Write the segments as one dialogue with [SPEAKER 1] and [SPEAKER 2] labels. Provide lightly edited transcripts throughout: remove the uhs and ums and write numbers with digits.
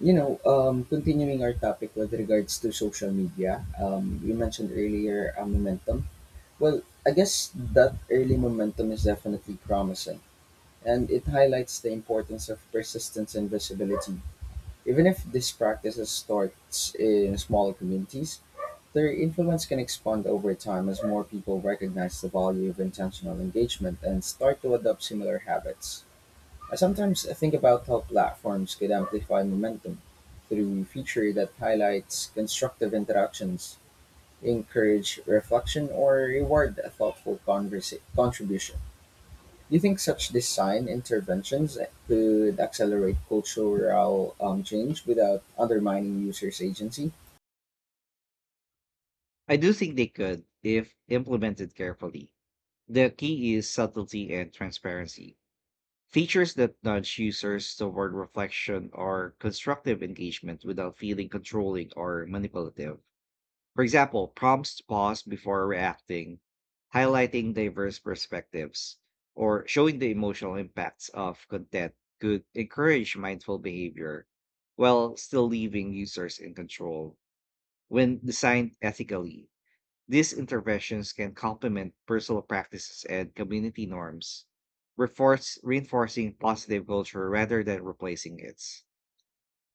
[SPEAKER 1] Continuing our topic with regards to social media, you mentioned earlier momentum. Well, I guess that early momentum is definitely promising, and it highlights the importance of persistence and visibility. Even if this practice starts in smaller communities, their influence can expand over time as more people recognize the value of intentional engagement and start to adopt similar habits. I sometimes think about how platforms could amplify momentum through feature that highlights constructive interactions, encourage reflection, or reward a contribution. Do you think such design interventions could accelerate cultural change without undermining users' agency?
[SPEAKER 2] I do think they could if implemented carefully. The key is subtlety and transparency. Features that nudge users toward reflection or constructive engagement without feeling controlling or manipulative. For example, prompts to pause before reacting, highlighting diverse perspectives, or showing the emotional impacts of content could encourage mindful behavior while still leaving users in control. When designed ethically, these interventions can complement personal practices and community norms, reinforcing positive culture rather than replacing it.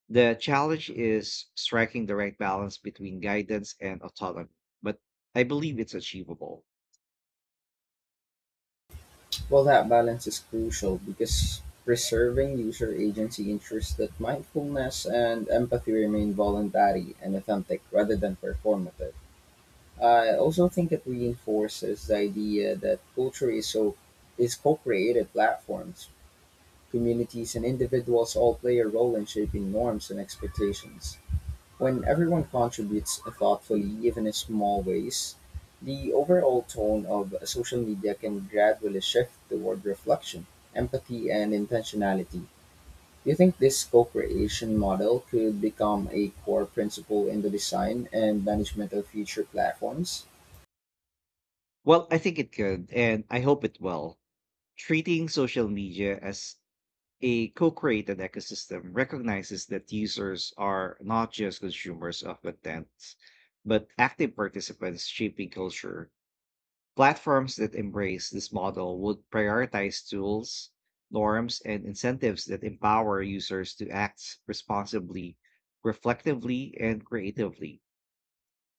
[SPEAKER 2] The challenge is striking the right balance between guidance and autonomy, but I believe it's achievable.
[SPEAKER 1] Well, that balance is crucial because preserving user agency ensures that mindfulness and empathy remain voluntary and authentic rather than performative. I also think it reinforces the idea that culture is co-created platforms. Communities and individuals all play a role in shaping norms and expectations. When everyone contributes thoughtfully, even in small ways, the overall tone of social media can gradually shift toward reflection, empathy, and intentionality. Do you think this co-creation model could become a core principle in the design and management of future platforms?
[SPEAKER 2] Well, I think it could, and I hope it will. Treating social media as a co created ecosystem recognizes that users are not just consumers of content, but active participants shaping culture. Platforms that embrace this model would prioritize tools, norms, and incentives that empower users to act responsibly, reflectively, and creatively.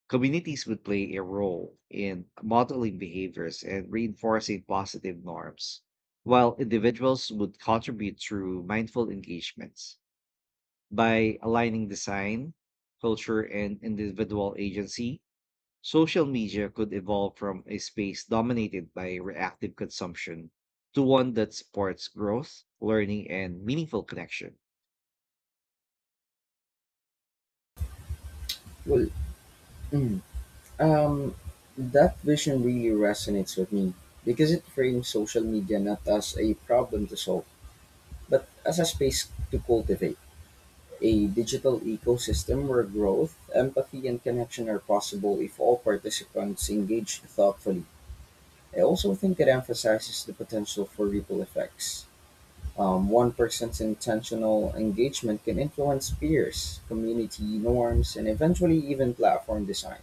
[SPEAKER 2] Communities would play a role in modeling behaviors and reinforcing positive norms, while individuals would contribute through mindful engagements. By aligning design, culture, and individual agency, social media could evolve from a space dominated by reactive consumption to one that supports growth, learning, and meaningful connection.
[SPEAKER 1] Well, Mm. Um, that vision really resonates with me because it frames social media not as a problem to solve, but as a space to cultivate a digital ecosystem where growth, empathy, and connection are possible if all participants engage thoughtfully. I also think it emphasizes the potential for ripple effects. One person's intentional engagement can influence peers, community norms, and eventually even platform design.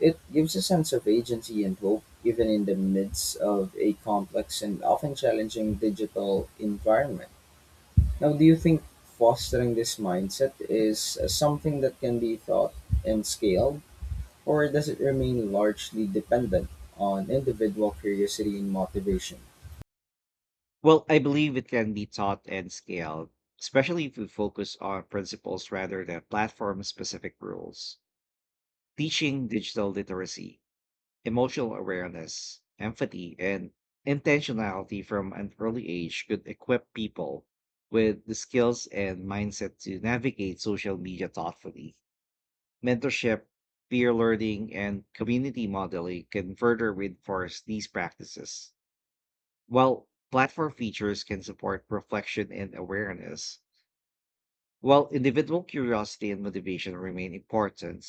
[SPEAKER 1] It gives a sense of agency and hope, even in the midst of a complex and often challenging digital environment. Now, do you think fostering this mindset is something that can be taught and scaled, or does it remain largely dependent on individual curiosity and motivation?
[SPEAKER 2] Well, I believe it can be taught and scaled, especially if we focus on principles rather than platform specific rules. Teaching digital literacy, emotional awareness, empathy, and intentionality from an early age could equip people with the skills and mindset to navigate social media thoughtfully. Mentorship, peer learning, and community modeling can further reinforce these practices, while platform features can support reflection and awareness. While individual curiosity and motivation remain important,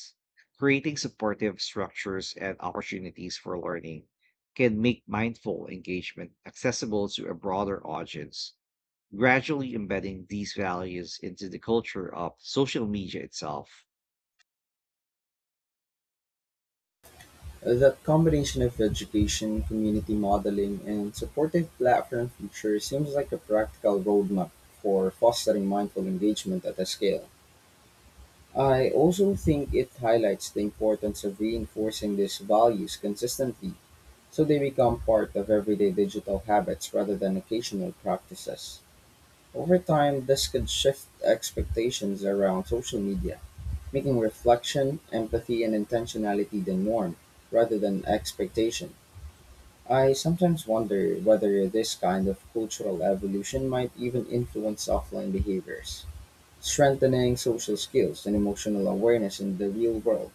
[SPEAKER 2] creating supportive structures and opportunities for learning can make mindful engagement accessible to a broader audience, gradually embedding these values into the culture of social media itself.
[SPEAKER 1] That combination of education, community modeling, and supportive platform features seems like a practical roadmap for fostering mindful engagement at a scale. I also think it highlights the importance of reinforcing these values consistently so they become part of everyday digital habits rather than occasional practices. Over time, this could shift expectations around social media, making reflection, empathy, and intentionality the norm rather than expectation. I sometimes wonder whether this kind of cultural evolution might even influence offline behaviors, strengthening social skills and emotional awareness in the real world.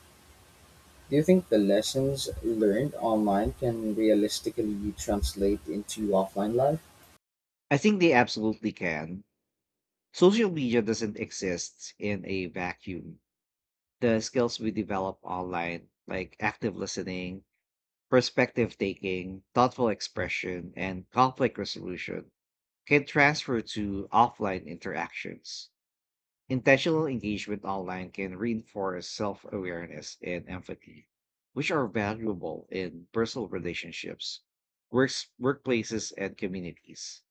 [SPEAKER 1] Do you think the lessons learned online can realistically translate into offline life?
[SPEAKER 2] I think they absolutely can. Social media doesn't exist in a vacuum. The skills we develop online, like active listening, perspective taking, thoughtful expression, and conflict resolution, can transfer to offline interactions. Intentional engagement online can reinforce self awareness and empathy, which are valuable in personal relationships, workplaces, and communities.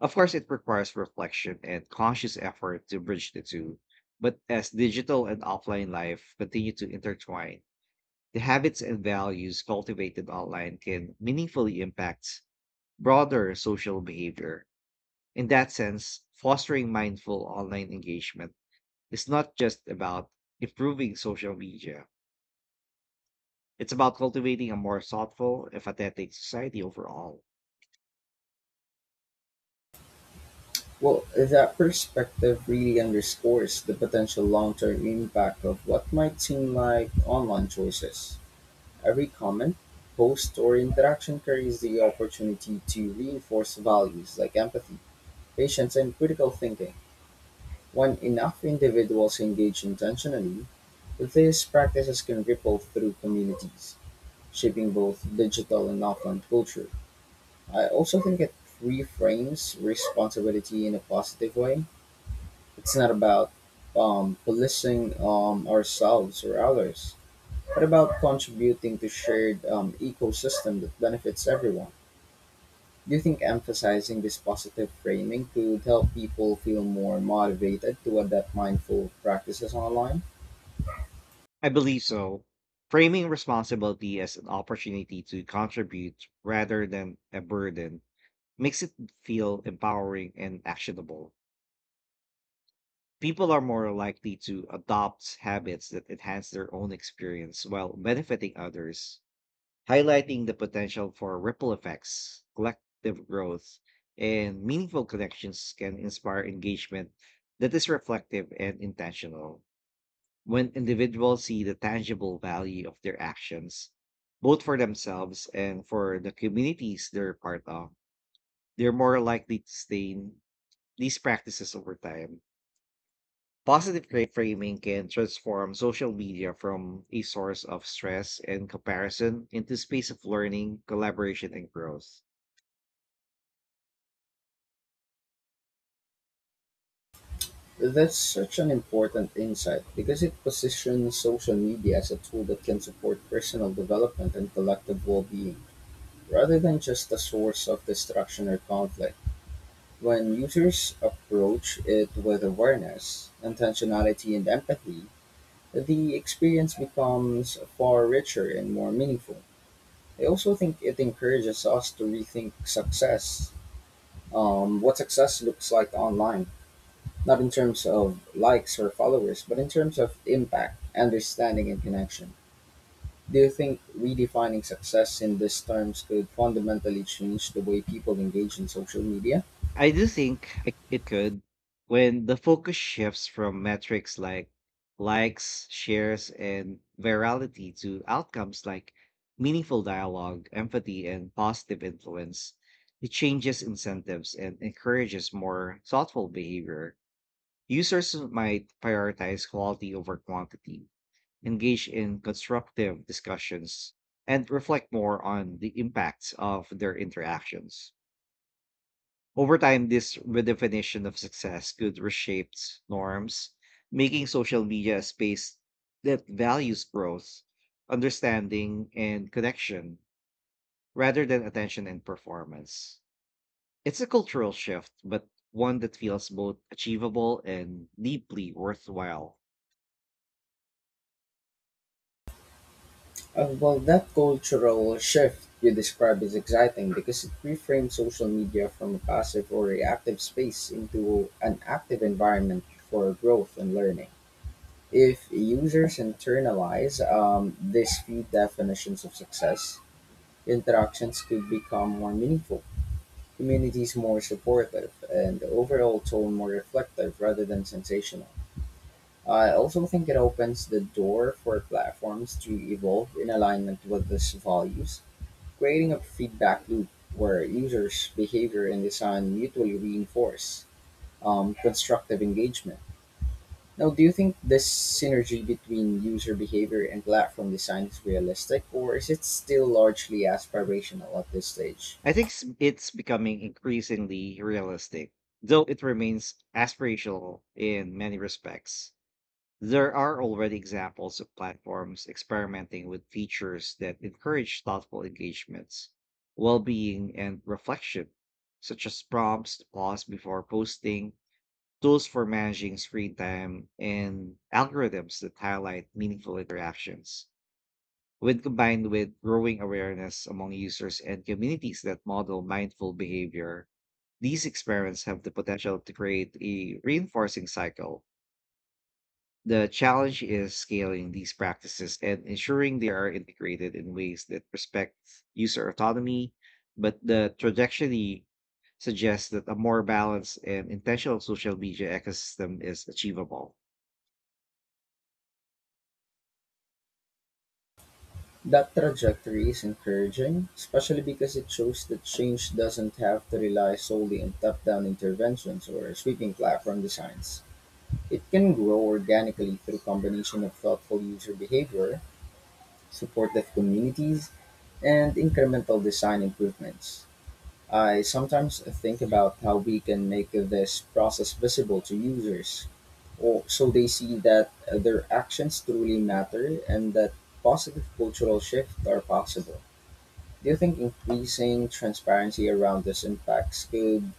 [SPEAKER 2] Of course, it requires reflection and conscious effort to bridge the two. But as digital and offline life continue to intertwine, the habits and values cultivated online can meaningfully impact broader social behavior. In that sense, fostering mindful online engagement is not just about improving social media, it's about cultivating a more thoughtful, empathetic society overall.
[SPEAKER 1] Well, that perspective really underscores the potential long term impact of what might seem like online choices. Every comment, post, or interaction carries the opportunity to reinforce values like empathy, patience, and critical thinking. When enough individuals engage intentionally, these practices can ripple through communities, shaping both digital and offline culture. I also think it reframes responsibility in a positive way. It's not about policing ourselves or others, but about contributing to shared ecosystem that benefits everyone. Do you think emphasizing this positive framing could help people feel more motivated to adopt mindful practices online?
[SPEAKER 2] I believe so. Framing responsibility as an opportunity to contribute rather than a burden makes it feel empowering and actionable. People are more likely to adopt habits that enhance their own experience while benefiting others, highlighting the potential for ripple effects, collective growth, and meaningful connections can inspire engagement that is reflective and intentional when individuals see the tangible value of their actions, both for themselves and for the communities they're part of, they're more likely to sustain these practices over time. Framing can transform social media from a source of stress and comparison into a space of learning, collaboration, and growth.
[SPEAKER 1] That's such an important insight because it positions social media as a tool that can support personal development and collective well being, rather than just a source of distraction or conflict. When users approach it with awareness, intentionality, and empathy, the experience becomes far richer and more meaningful. I also think it encourages us to rethink what success looks like online. Not in terms of likes or followers, but in terms of impact, understanding, and connection. Do you think redefining success in these terms could fundamentally change the way people engage in social media?
[SPEAKER 2] I do think it could when the focus shifts from metrics like likes, shares, and virality to outcomes like meaningful dialogue, empathy, and positive influence. It changes incentives and encourages more thoughtful behavior. Users might prioritize quality over quantity, engage in constructive discussions, and reflect more on the impacts of their interactions. Over time, this redefinition of success could reshape norms, making social media a space that values growth, understanding, and connection rather than attention and performance. It's a cultural shift, but one that feels both achievable and deeply worthwhile.
[SPEAKER 1] Well, that cultural shift you describe is exciting because it reframes social media from a passive or reactive space into an active environment for growth and learning. If users internalize these few definitions of success, interactions could become more meaningful, communities more supportive, and the overall tone more reflective rather than sensational. I also think it opens the door for platforms to evolve in alignment with these values, creating a feedback loop where users' behavior and design mutually reinforce constructive engagement. Now, do you think this synergy between user behavior and platform design is realistic, or is it still largely aspirational at this stage?
[SPEAKER 2] It's becoming increasingly realistic, though it remains aspirational in many respects. There are already examples of platforms experimenting with features that encourage thoughtful engagements, well being, and reflection, such as prompts to pause before posting, tools for managing screen time, and algorithms that highlight meaningful interactions. When combined with growing awareness among users and communities that model mindful behavior, these experiments have the potential to create a reinforcing cycle. The challenge is scaling these practices and ensuring they are integrated in ways that respect user autonomy, but the trajectory suggests that a more balanced and intentional social media ecosystem is achievable.
[SPEAKER 1] That trajectory is encouraging, especially because it shows that change doesn't have to rely solely on top down interventions or sweeping platform designs. It can grow organically through combination of thoughtful user behavior, supportive communities, and incremental design improvements. I sometimes think about how we can make this process visible to users or so they see that their actions truly matter and that positive cultural shifts are possible. Do you think increasing transparency around these impacts could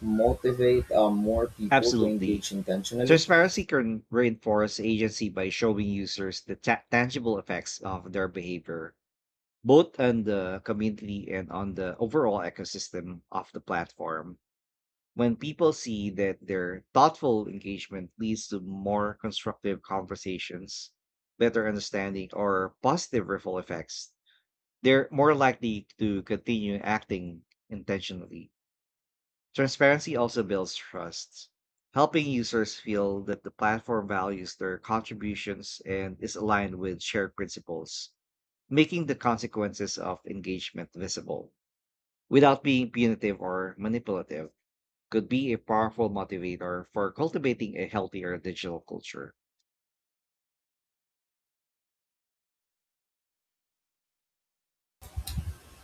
[SPEAKER 1] motivate more people to
[SPEAKER 2] Absolutely.
[SPEAKER 1] engage intentionally?
[SPEAKER 2] Transparency can reinforce agency by showing users the tangible effects of their behavior, both on the community and on the overall ecosystem of the platform. When people see that their thoughtful engagement leads to more constructive conversations, better understanding, or positive ripple effects, they're more likely to continue acting intentionally. Transparency also builds trust, helping users feel that the platform values their contributions and is aligned with shared principles, making the consequences of engagement visible without being punitive or manipulative could be a powerful motivator for cultivating a healthier digital culture.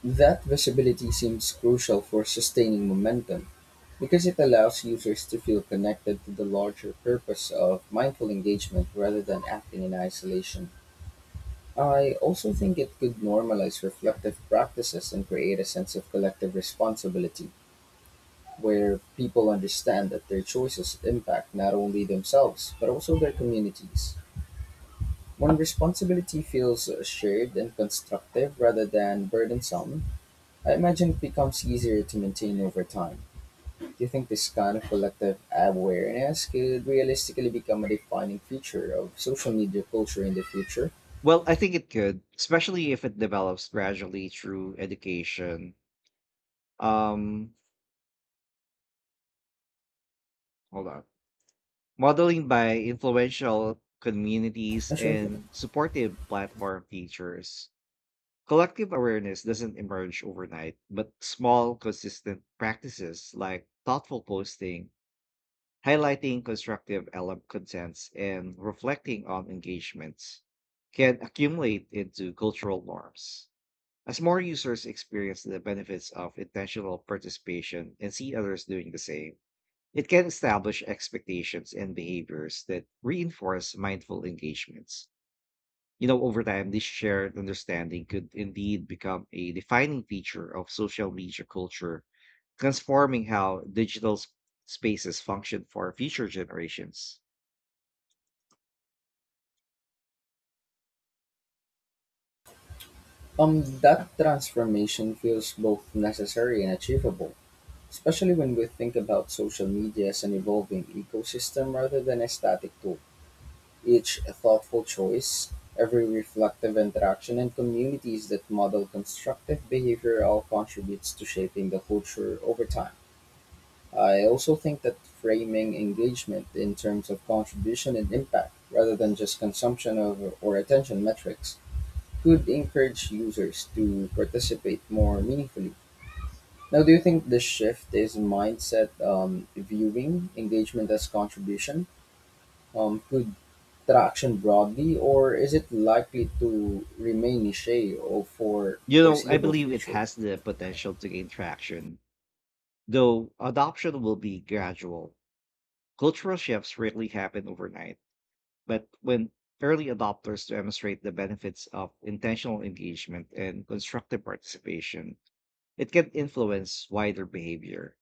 [SPEAKER 1] That visibility seems crucial for sustaining momentum because it allows users to feel connected to the larger purpose of mindful engagement rather than acting in isolation. I also think it could normalize reflective practices and create a sense of collective responsibility, where people understand that their choices impact not only themselves but also their communities. When responsibility feels shared and constructive rather than burdensome, I imagine it becomes easier to maintain over time. Do you think this kind of collective awareness could realistically become a defining feature of social media culture in the future?
[SPEAKER 2] Well, I think it could, especially if it develops gradually through education. Um, Hold on. Modeling by influential
[SPEAKER 1] I
[SPEAKER 2] communities
[SPEAKER 1] sure.
[SPEAKER 2] and supportive platform features. Collective awareness doesn't emerge overnight, but small, consistent practices like thoughtful posting, highlighting constructive LM contents and reflecting on engagements can accumulate into cultural norms. As more users experience the benefits of intentional participation and see others doing the same, it can establish expectations and behaviors that reinforce mindful engagements. You know, over time, this shared understanding could indeed become a defining feature of social media culture, transforming how spaces function for future generations.
[SPEAKER 1] That transformation feels both necessary and achievable, especially when we think about social media as an evolving ecosystem rather than a static tool. Each a thoughtful choice, every reflective interaction, and communities that model constructive behavior all contributes to shaping the culture over time. I also think that framing engagement in terms of contribution and impact rather than just consumption of or attention metrics could encourage users to participate more meaningfully. Now, do you think this shift is mindset, viewing engagement as contribution to traction broadly, or is it likely to remain niche or for
[SPEAKER 2] You know, I
[SPEAKER 1] foreseeable
[SPEAKER 2] believe it
[SPEAKER 1] future?
[SPEAKER 2] has the potential to gain traction, though adoption will be gradual. Cultural shifts rarely happen overnight, but when early adopters demonstrate the benefits of intentional engagement and constructive participation, it can influence wider behavior.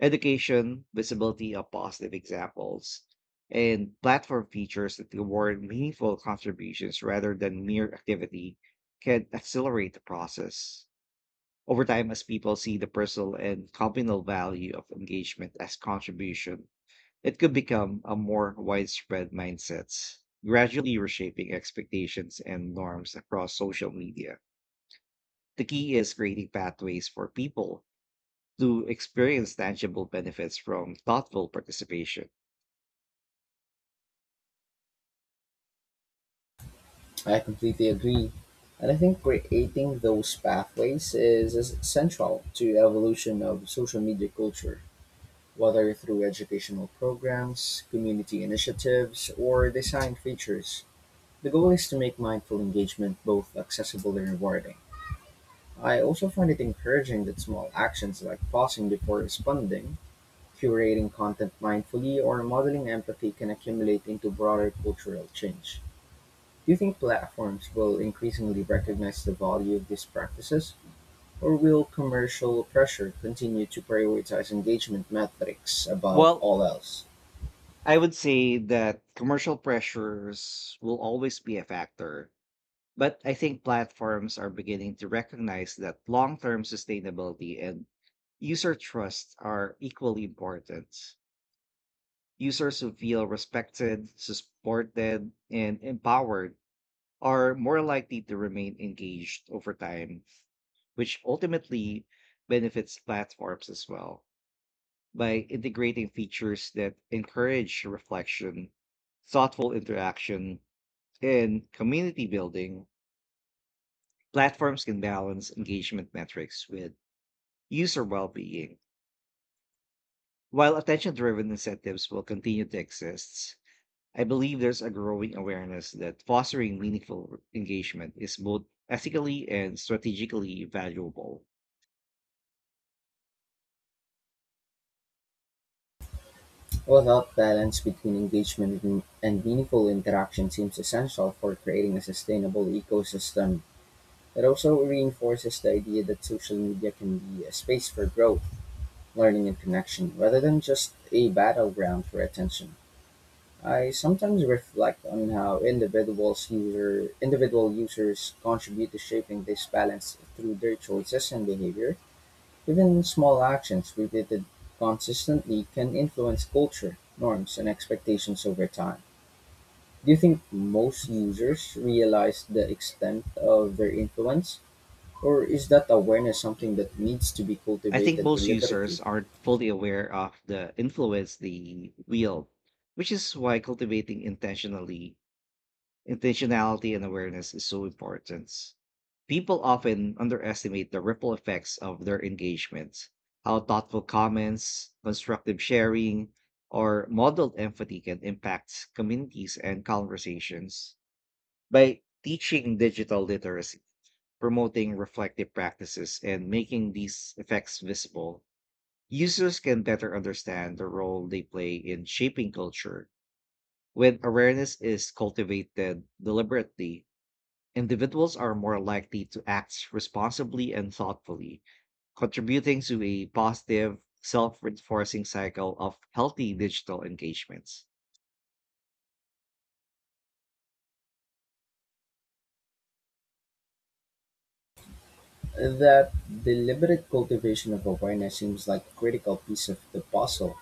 [SPEAKER 2] Education, visibility of positive examples, and platform features that reward meaningful contributions rather than mere activity can accelerate the process. Over time, as people see the personal and communal value of engagement as contribution, it could become a more widespread mindset, gradually reshaping expectations and norms across social media. The key is creating pathways for people to experience tangible benefits from thoughtful participation.
[SPEAKER 1] I completely agree. And I think creating those pathways is essential to evolution of social media culture, whether through educational programs, community initiatives, or design features. The goal is to make mindful engagement both accessible and rewarding. I also find it encouraging that small actions like pausing before responding, curating content mindfully, or modeling empathy can accumulate into broader cultural change. Do you think platforms will increasingly recognize the value of these practices, or will commercial pressure continue to prioritize engagement metrics above
[SPEAKER 2] Well,
[SPEAKER 1] all else?
[SPEAKER 2] I would say that commercial pressures will always be a factor, but I think platforms are beginning to recognize that long term sustainability and user trust are equally important. Users who feel respected, supported, and empowered are more likely to remain engaged over time, which ultimately benefits platforms as well. By integrating features that encourage reflection, thoughtful interaction, and community building, platforms can balance engagement metrics with user well being. While attention driven incentives will continue to exist, I believe there's a growing awareness that fostering meaningful engagement is both ethically and strategically valuable.
[SPEAKER 1] Well, that balance between engagement and meaningful interaction seems essential for creating a sustainable ecosystem. It also reinforces the idea that social media can be a space for growth, learning, and connection, rather than just a battleground for attention. I sometimes reflect on how individual users contribute to shaping this balance through their choices and behavior. Even small actions repeated consistently can influence culture, norms, and expectations over time. Do you think most users realize the extent of their influence? Or is that awareness something that needs to be
[SPEAKER 2] I think
[SPEAKER 1] cultivated
[SPEAKER 2] most users
[SPEAKER 1] deliberately?
[SPEAKER 2] aren't fully aware of the influence they wield, which is why cultivating intentionally intentionality and awareness is so important. People often underestimate the ripple effects of their engagement, how thoughtful comments, constructive sharing, or modeled empathy can impact communities and conversations. By teaching digital literacy, promoting reflective practices, and making these effects visible, users can better understand the role they play in shaping culture. When awareness is cultivated deliberately, individuals are more likely to act responsibly and thoughtfully, contributing to a positive, self reinforcing cycle of healthy digital engagements.
[SPEAKER 1] That deliberate cultivation of awareness seems like a critical piece of the puzzle.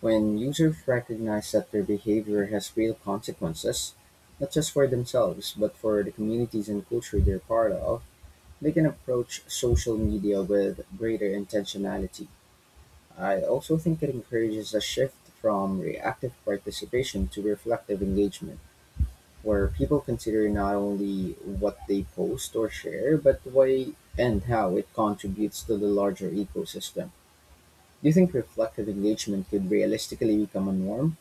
[SPEAKER 1] When users recognize that their behavior has real consequences, not just for themselves, but for the communities and culture they're part of, they can approach social media with greater intentionality. I also think it encourages a shift from reactive participation to reflective engagement, where people consider not only what they post or share, but why and how it contributes to the larger ecosystem. Do you think reflective engagement could realistically become a norm,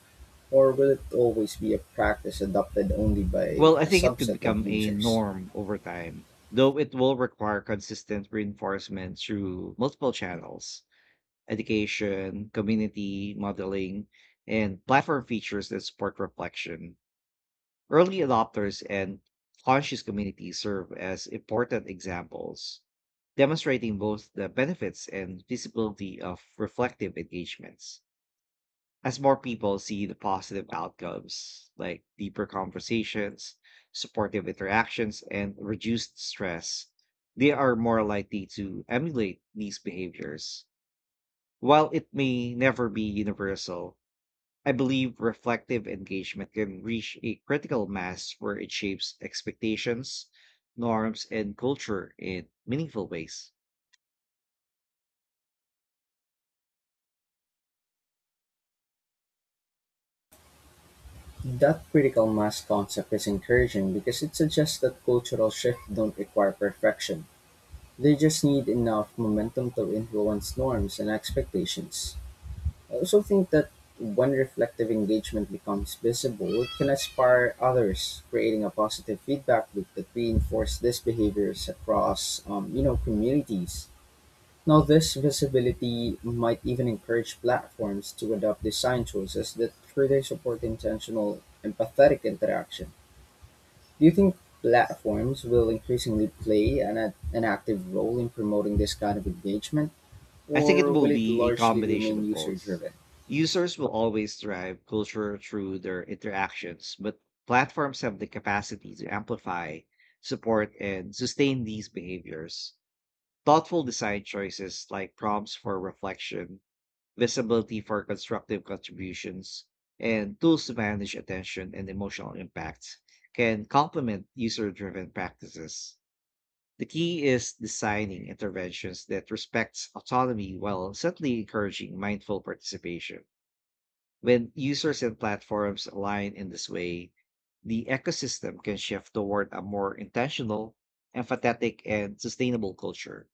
[SPEAKER 1] or will it always be a practice adopted only by
[SPEAKER 2] Well, I
[SPEAKER 1] a
[SPEAKER 2] think it could
[SPEAKER 1] subset of
[SPEAKER 2] become a
[SPEAKER 1] users?
[SPEAKER 2] norm over time, though it will require consistent reinforcement through multiple channels: education, community, modeling, and platform features that support reflection. Early adopters and conscious communities serve as important examples, demonstrating both the benefits and visibility of reflective engagements. As more people see the positive outcomes, like deeper conversations, supportive interactions, and reduced stress, they are more likely to emulate these behaviors. While it may never be universal, I believe reflective engagement can reach a critical mass where it shapes expectations, norms, and culture in meaningful ways.
[SPEAKER 1] That critical mass concept is encouraging because it suggests that cultural shifts don't require perfection. They just need enough momentum to influence norms and expectations. I also think that when reflective engagement becomes visible, it can inspire others, creating a positive feedback loop that reinforces these behaviors across, communities. Now, this visibility might even encourage platforms to adopt design choices that further support intentional, empathetic interaction. Do you think platforms will increasingly an active role in promoting this kind of engagement,
[SPEAKER 2] I think it
[SPEAKER 1] or
[SPEAKER 2] will
[SPEAKER 1] will it
[SPEAKER 2] be a
[SPEAKER 1] largely
[SPEAKER 2] combination
[SPEAKER 1] remain
[SPEAKER 2] of
[SPEAKER 1] user
[SPEAKER 2] both.
[SPEAKER 1] driven?
[SPEAKER 2] Users will always drive culture through their interactions, but platforms have the capacity to amplify, support, and sustain these behaviors. Thoughtful design choices like prompts for reflection, visibility for constructive contributions, and tools to manage attention and emotional impact can complement user driven practices. The key is designing interventions that respects autonomy while certainly encouraging mindful participation. When users and platforms align in this way, the ecosystem can shift toward a more intentional, empathetic, and sustainable culture.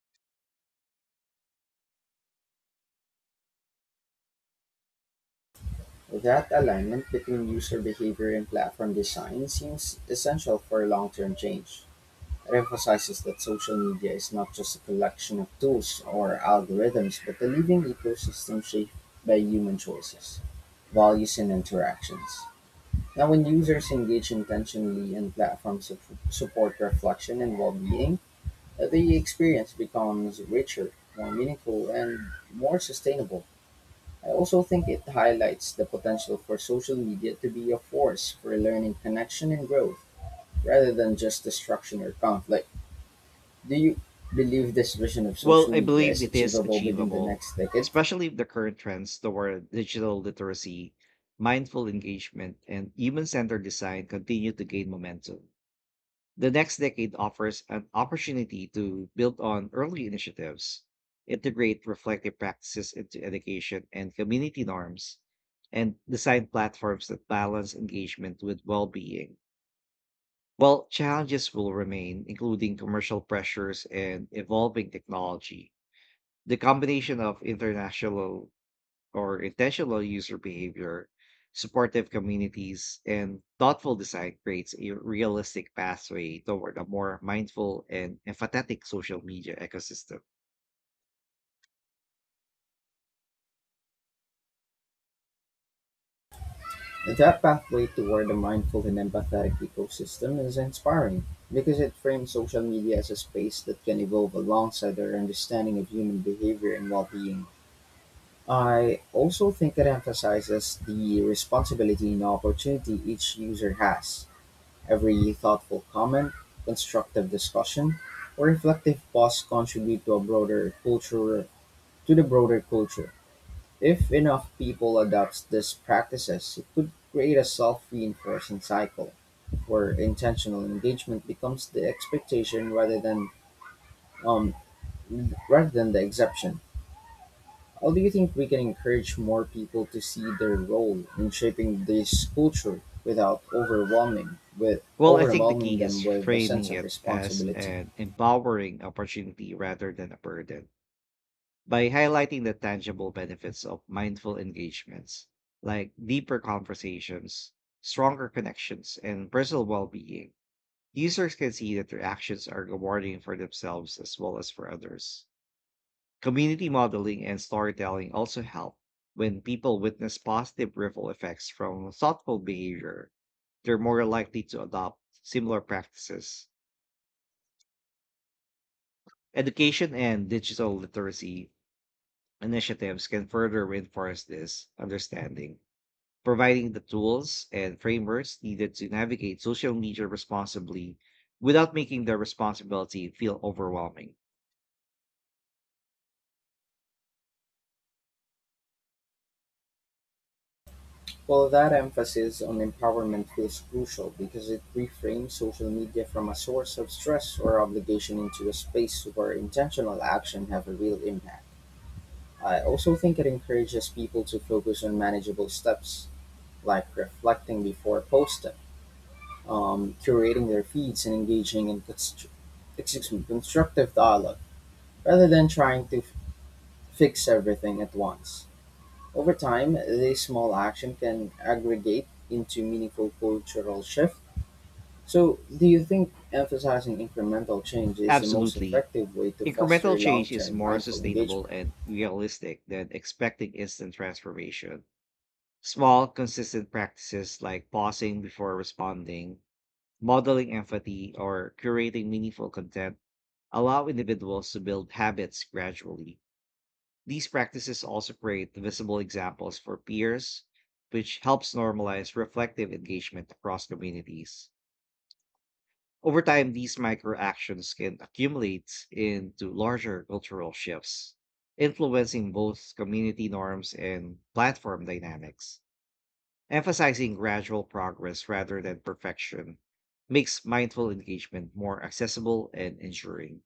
[SPEAKER 1] That alignment between user behavior and platform design seems essential for long-term change. It emphasizes that social media is not just a collection of tools or algorithms, but a living ecosystem shaped by human choices, values, and interactions. Now, when users engage intentionally and support reflection and well-being, the experience becomes richer, more meaningful, and more sustainable. I also think it highlights the potential for social media to be a force for learning, connection, and growth rather than just destruction or conflict. Do you believe this vision of
[SPEAKER 2] Well,
[SPEAKER 1] social
[SPEAKER 2] I
[SPEAKER 1] media
[SPEAKER 2] believe
[SPEAKER 1] is
[SPEAKER 2] it is
[SPEAKER 1] achievable within the
[SPEAKER 2] achievable,
[SPEAKER 1] next decade?
[SPEAKER 2] especially if the current trends toward digital literacy, mindful engagement, and human centered design continue to gain momentum. The next decade offers an opportunity to build on early initiatives, integrate reflective practices into education and community norms, and design platforms that balance engagement with well being. While challenges will remain, including commercial pressures and evolving technology, the combination of international or intentional user behavior, supportive communities, and thoughtful design creates a realistic pathway toward a more mindful and empathetic social media ecosystem.
[SPEAKER 1] That pathway toward a mindful and empathetic ecosystem is inspiring because it frames social media as a space that can evolve alongside our understanding of human behavior and well being. I also think it emphasizes the responsibility and opportunity each user has. Every thoughtful comment, constructive discussion, or reflective pause contribute to the broader culture. If enough people adopt these practices, it could create a self-reinforcing cycle where intentional engagement becomes the expectation um, rather than the exception. How do you think we can encourage more people to see their role in shaping this culture without overwhelming with
[SPEAKER 2] Well, I think the
[SPEAKER 1] overwhelming
[SPEAKER 2] key is
[SPEAKER 1] them with a sense
[SPEAKER 2] framing
[SPEAKER 1] of
[SPEAKER 2] it as
[SPEAKER 1] responsibility?
[SPEAKER 2] an empowering opportunity rather than a burden. By highlighting the tangible benefits of mindful engagements, like deeper conversations, stronger connections, and personal well being, users can see that their actions are rewarding for themselves as well as for others. Community modeling and storytelling also help. When people witness positive ripple effects from thoughtful behavior, they're more likely to adopt similar practices. Education and digital literacy initiatives can further reinforce this understanding, providing the tools and frameworks needed to navigate social media responsibly without making the responsibility feel overwhelming.
[SPEAKER 1] Well, that emphasis on empowerment feels crucial because it reframes social media from a source of stress or obligation into a space where intentional action have a real impact. I also think it encourages people to focus on manageable steps, like reflecting before posting, curating their feeds and engaging in constructive dialogue rather than trying to fix everything at once. Over time, this small action can aggregate into meaningful cultural shift. So, do you think emphasizing incremental change is the most
[SPEAKER 2] Absolutely.
[SPEAKER 1] effective way to
[SPEAKER 2] Incremental
[SPEAKER 1] foster long
[SPEAKER 2] change is
[SPEAKER 1] term
[SPEAKER 2] more
[SPEAKER 1] mindful
[SPEAKER 2] sustainable
[SPEAKER 1] engagement?
[SPEAKER 2] and realistic than expecting instant transformation. Small, consistent practices like pausing before responding, modeling empathy, or curating meaningful content allow individuals to build habits gradually. These practices also create visible examples for peers, which helps normalize reflective engagement across communities. Over time, these micro actions can accumulate into larger cultural shifts, influencing both community norms and platform dynamics. Emphasizing gradual progress rather than perfection makes mindful engagement more accessible and enduring.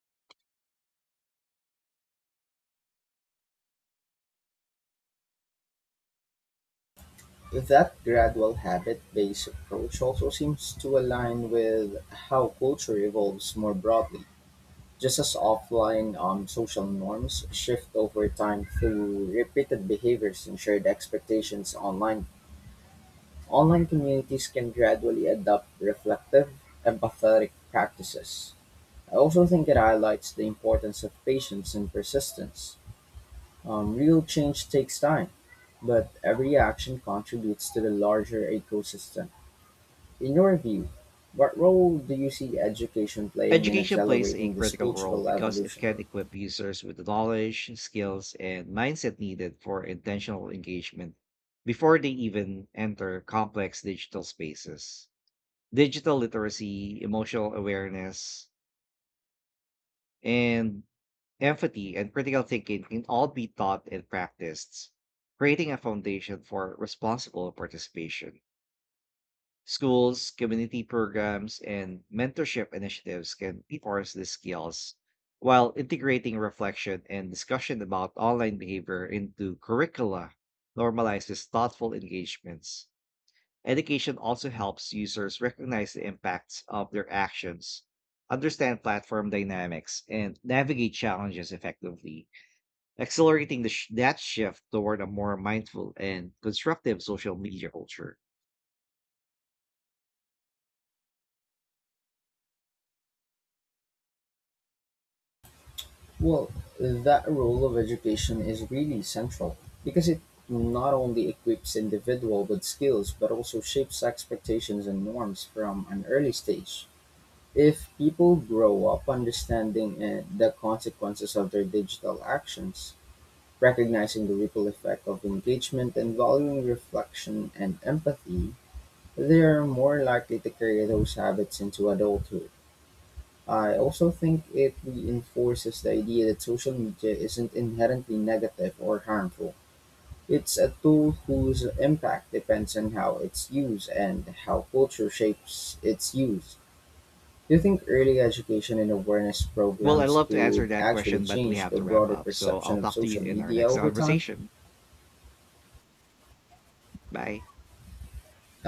[SPEAKER 1] If that gradual habit based approach also seems to align with how culture evolves more broadly, just as offline social norms shift over time through repeated behaviors and shared expectations online, online communities can gradually adopt reflective, empathetic practices. I also think it highlights the importance of patience and persistence. Real change takes time, but every action contributes to the larger ecosystem. In your view, what role do you see education playing in
[SPEAKER 2] Education plays a
[SPEAKER 1] accelerating this
[SPEAKER 2] critical role
[SPEAKER 1] cultural
[SPEAKER 2] because it
[SPEAKER 1] evolution?
[SPEAKER 2] can equip users with the knowledge, skills, and mindset needed for intentional engagement before they even enter complex digital spaces. Digital literacy, emotional awareness, and empathy and critical thinking can all be taught and practiced, creating a foundation for responsible participation. Schools, community programs, and mentorship initiatives can reinforce these skills while integrating reflection and discussion about online behavior into curricula normalizes thoughtful engagements. Education also helps users recognize the impacts of their actions, understand platform dynamics, and navigate challenges effectively, accelerating the that shift toward a more mindful and constructive social media culture.
[SPEAKER 1] Well, that role of education is really central because it not only equips individual with skills but also shapes expectations and norms from an early stage. If people grow up understanding the consequences of their digital actions, recognizing the ripple effect of engagement and valuing reflection and empathy, they are more likely to carry those habits into adulthood. I also think it reinforces the idea that social media isn't inherently negative or harmful. It's a tool whose impact depends on how it's used and how culture shapes its use. Do you think early education and awareness
[SPEAKER 2] Well, I'd
[SPEAKER 1] programs
[SPEAKER 2] love to answer
[SPEAKER 1] could
[SPEAKER 2] that
[SPEAKER 1] actually
[SPEAKER 2] question, but we
[SPEAKER 1] change
[SPEAKER 2] have
[SPEAKER 1] the
[SPEAKER 2] to wrap
[SPEAKER 1] broader
[SPEAKER 2] up. So
[SPEAKER 1] perception
[SPEAKER 2] I'll
[SPEAKER 1] of
[SPEAKER 2] talk to you
[SPEAKER 1] social
[SPEAKER 2] in our
[SPEAKER 1] media
[SPEAKER 2] next
[SPEAKER 1] over time?
[SPEAKER 2] conversation. Bye.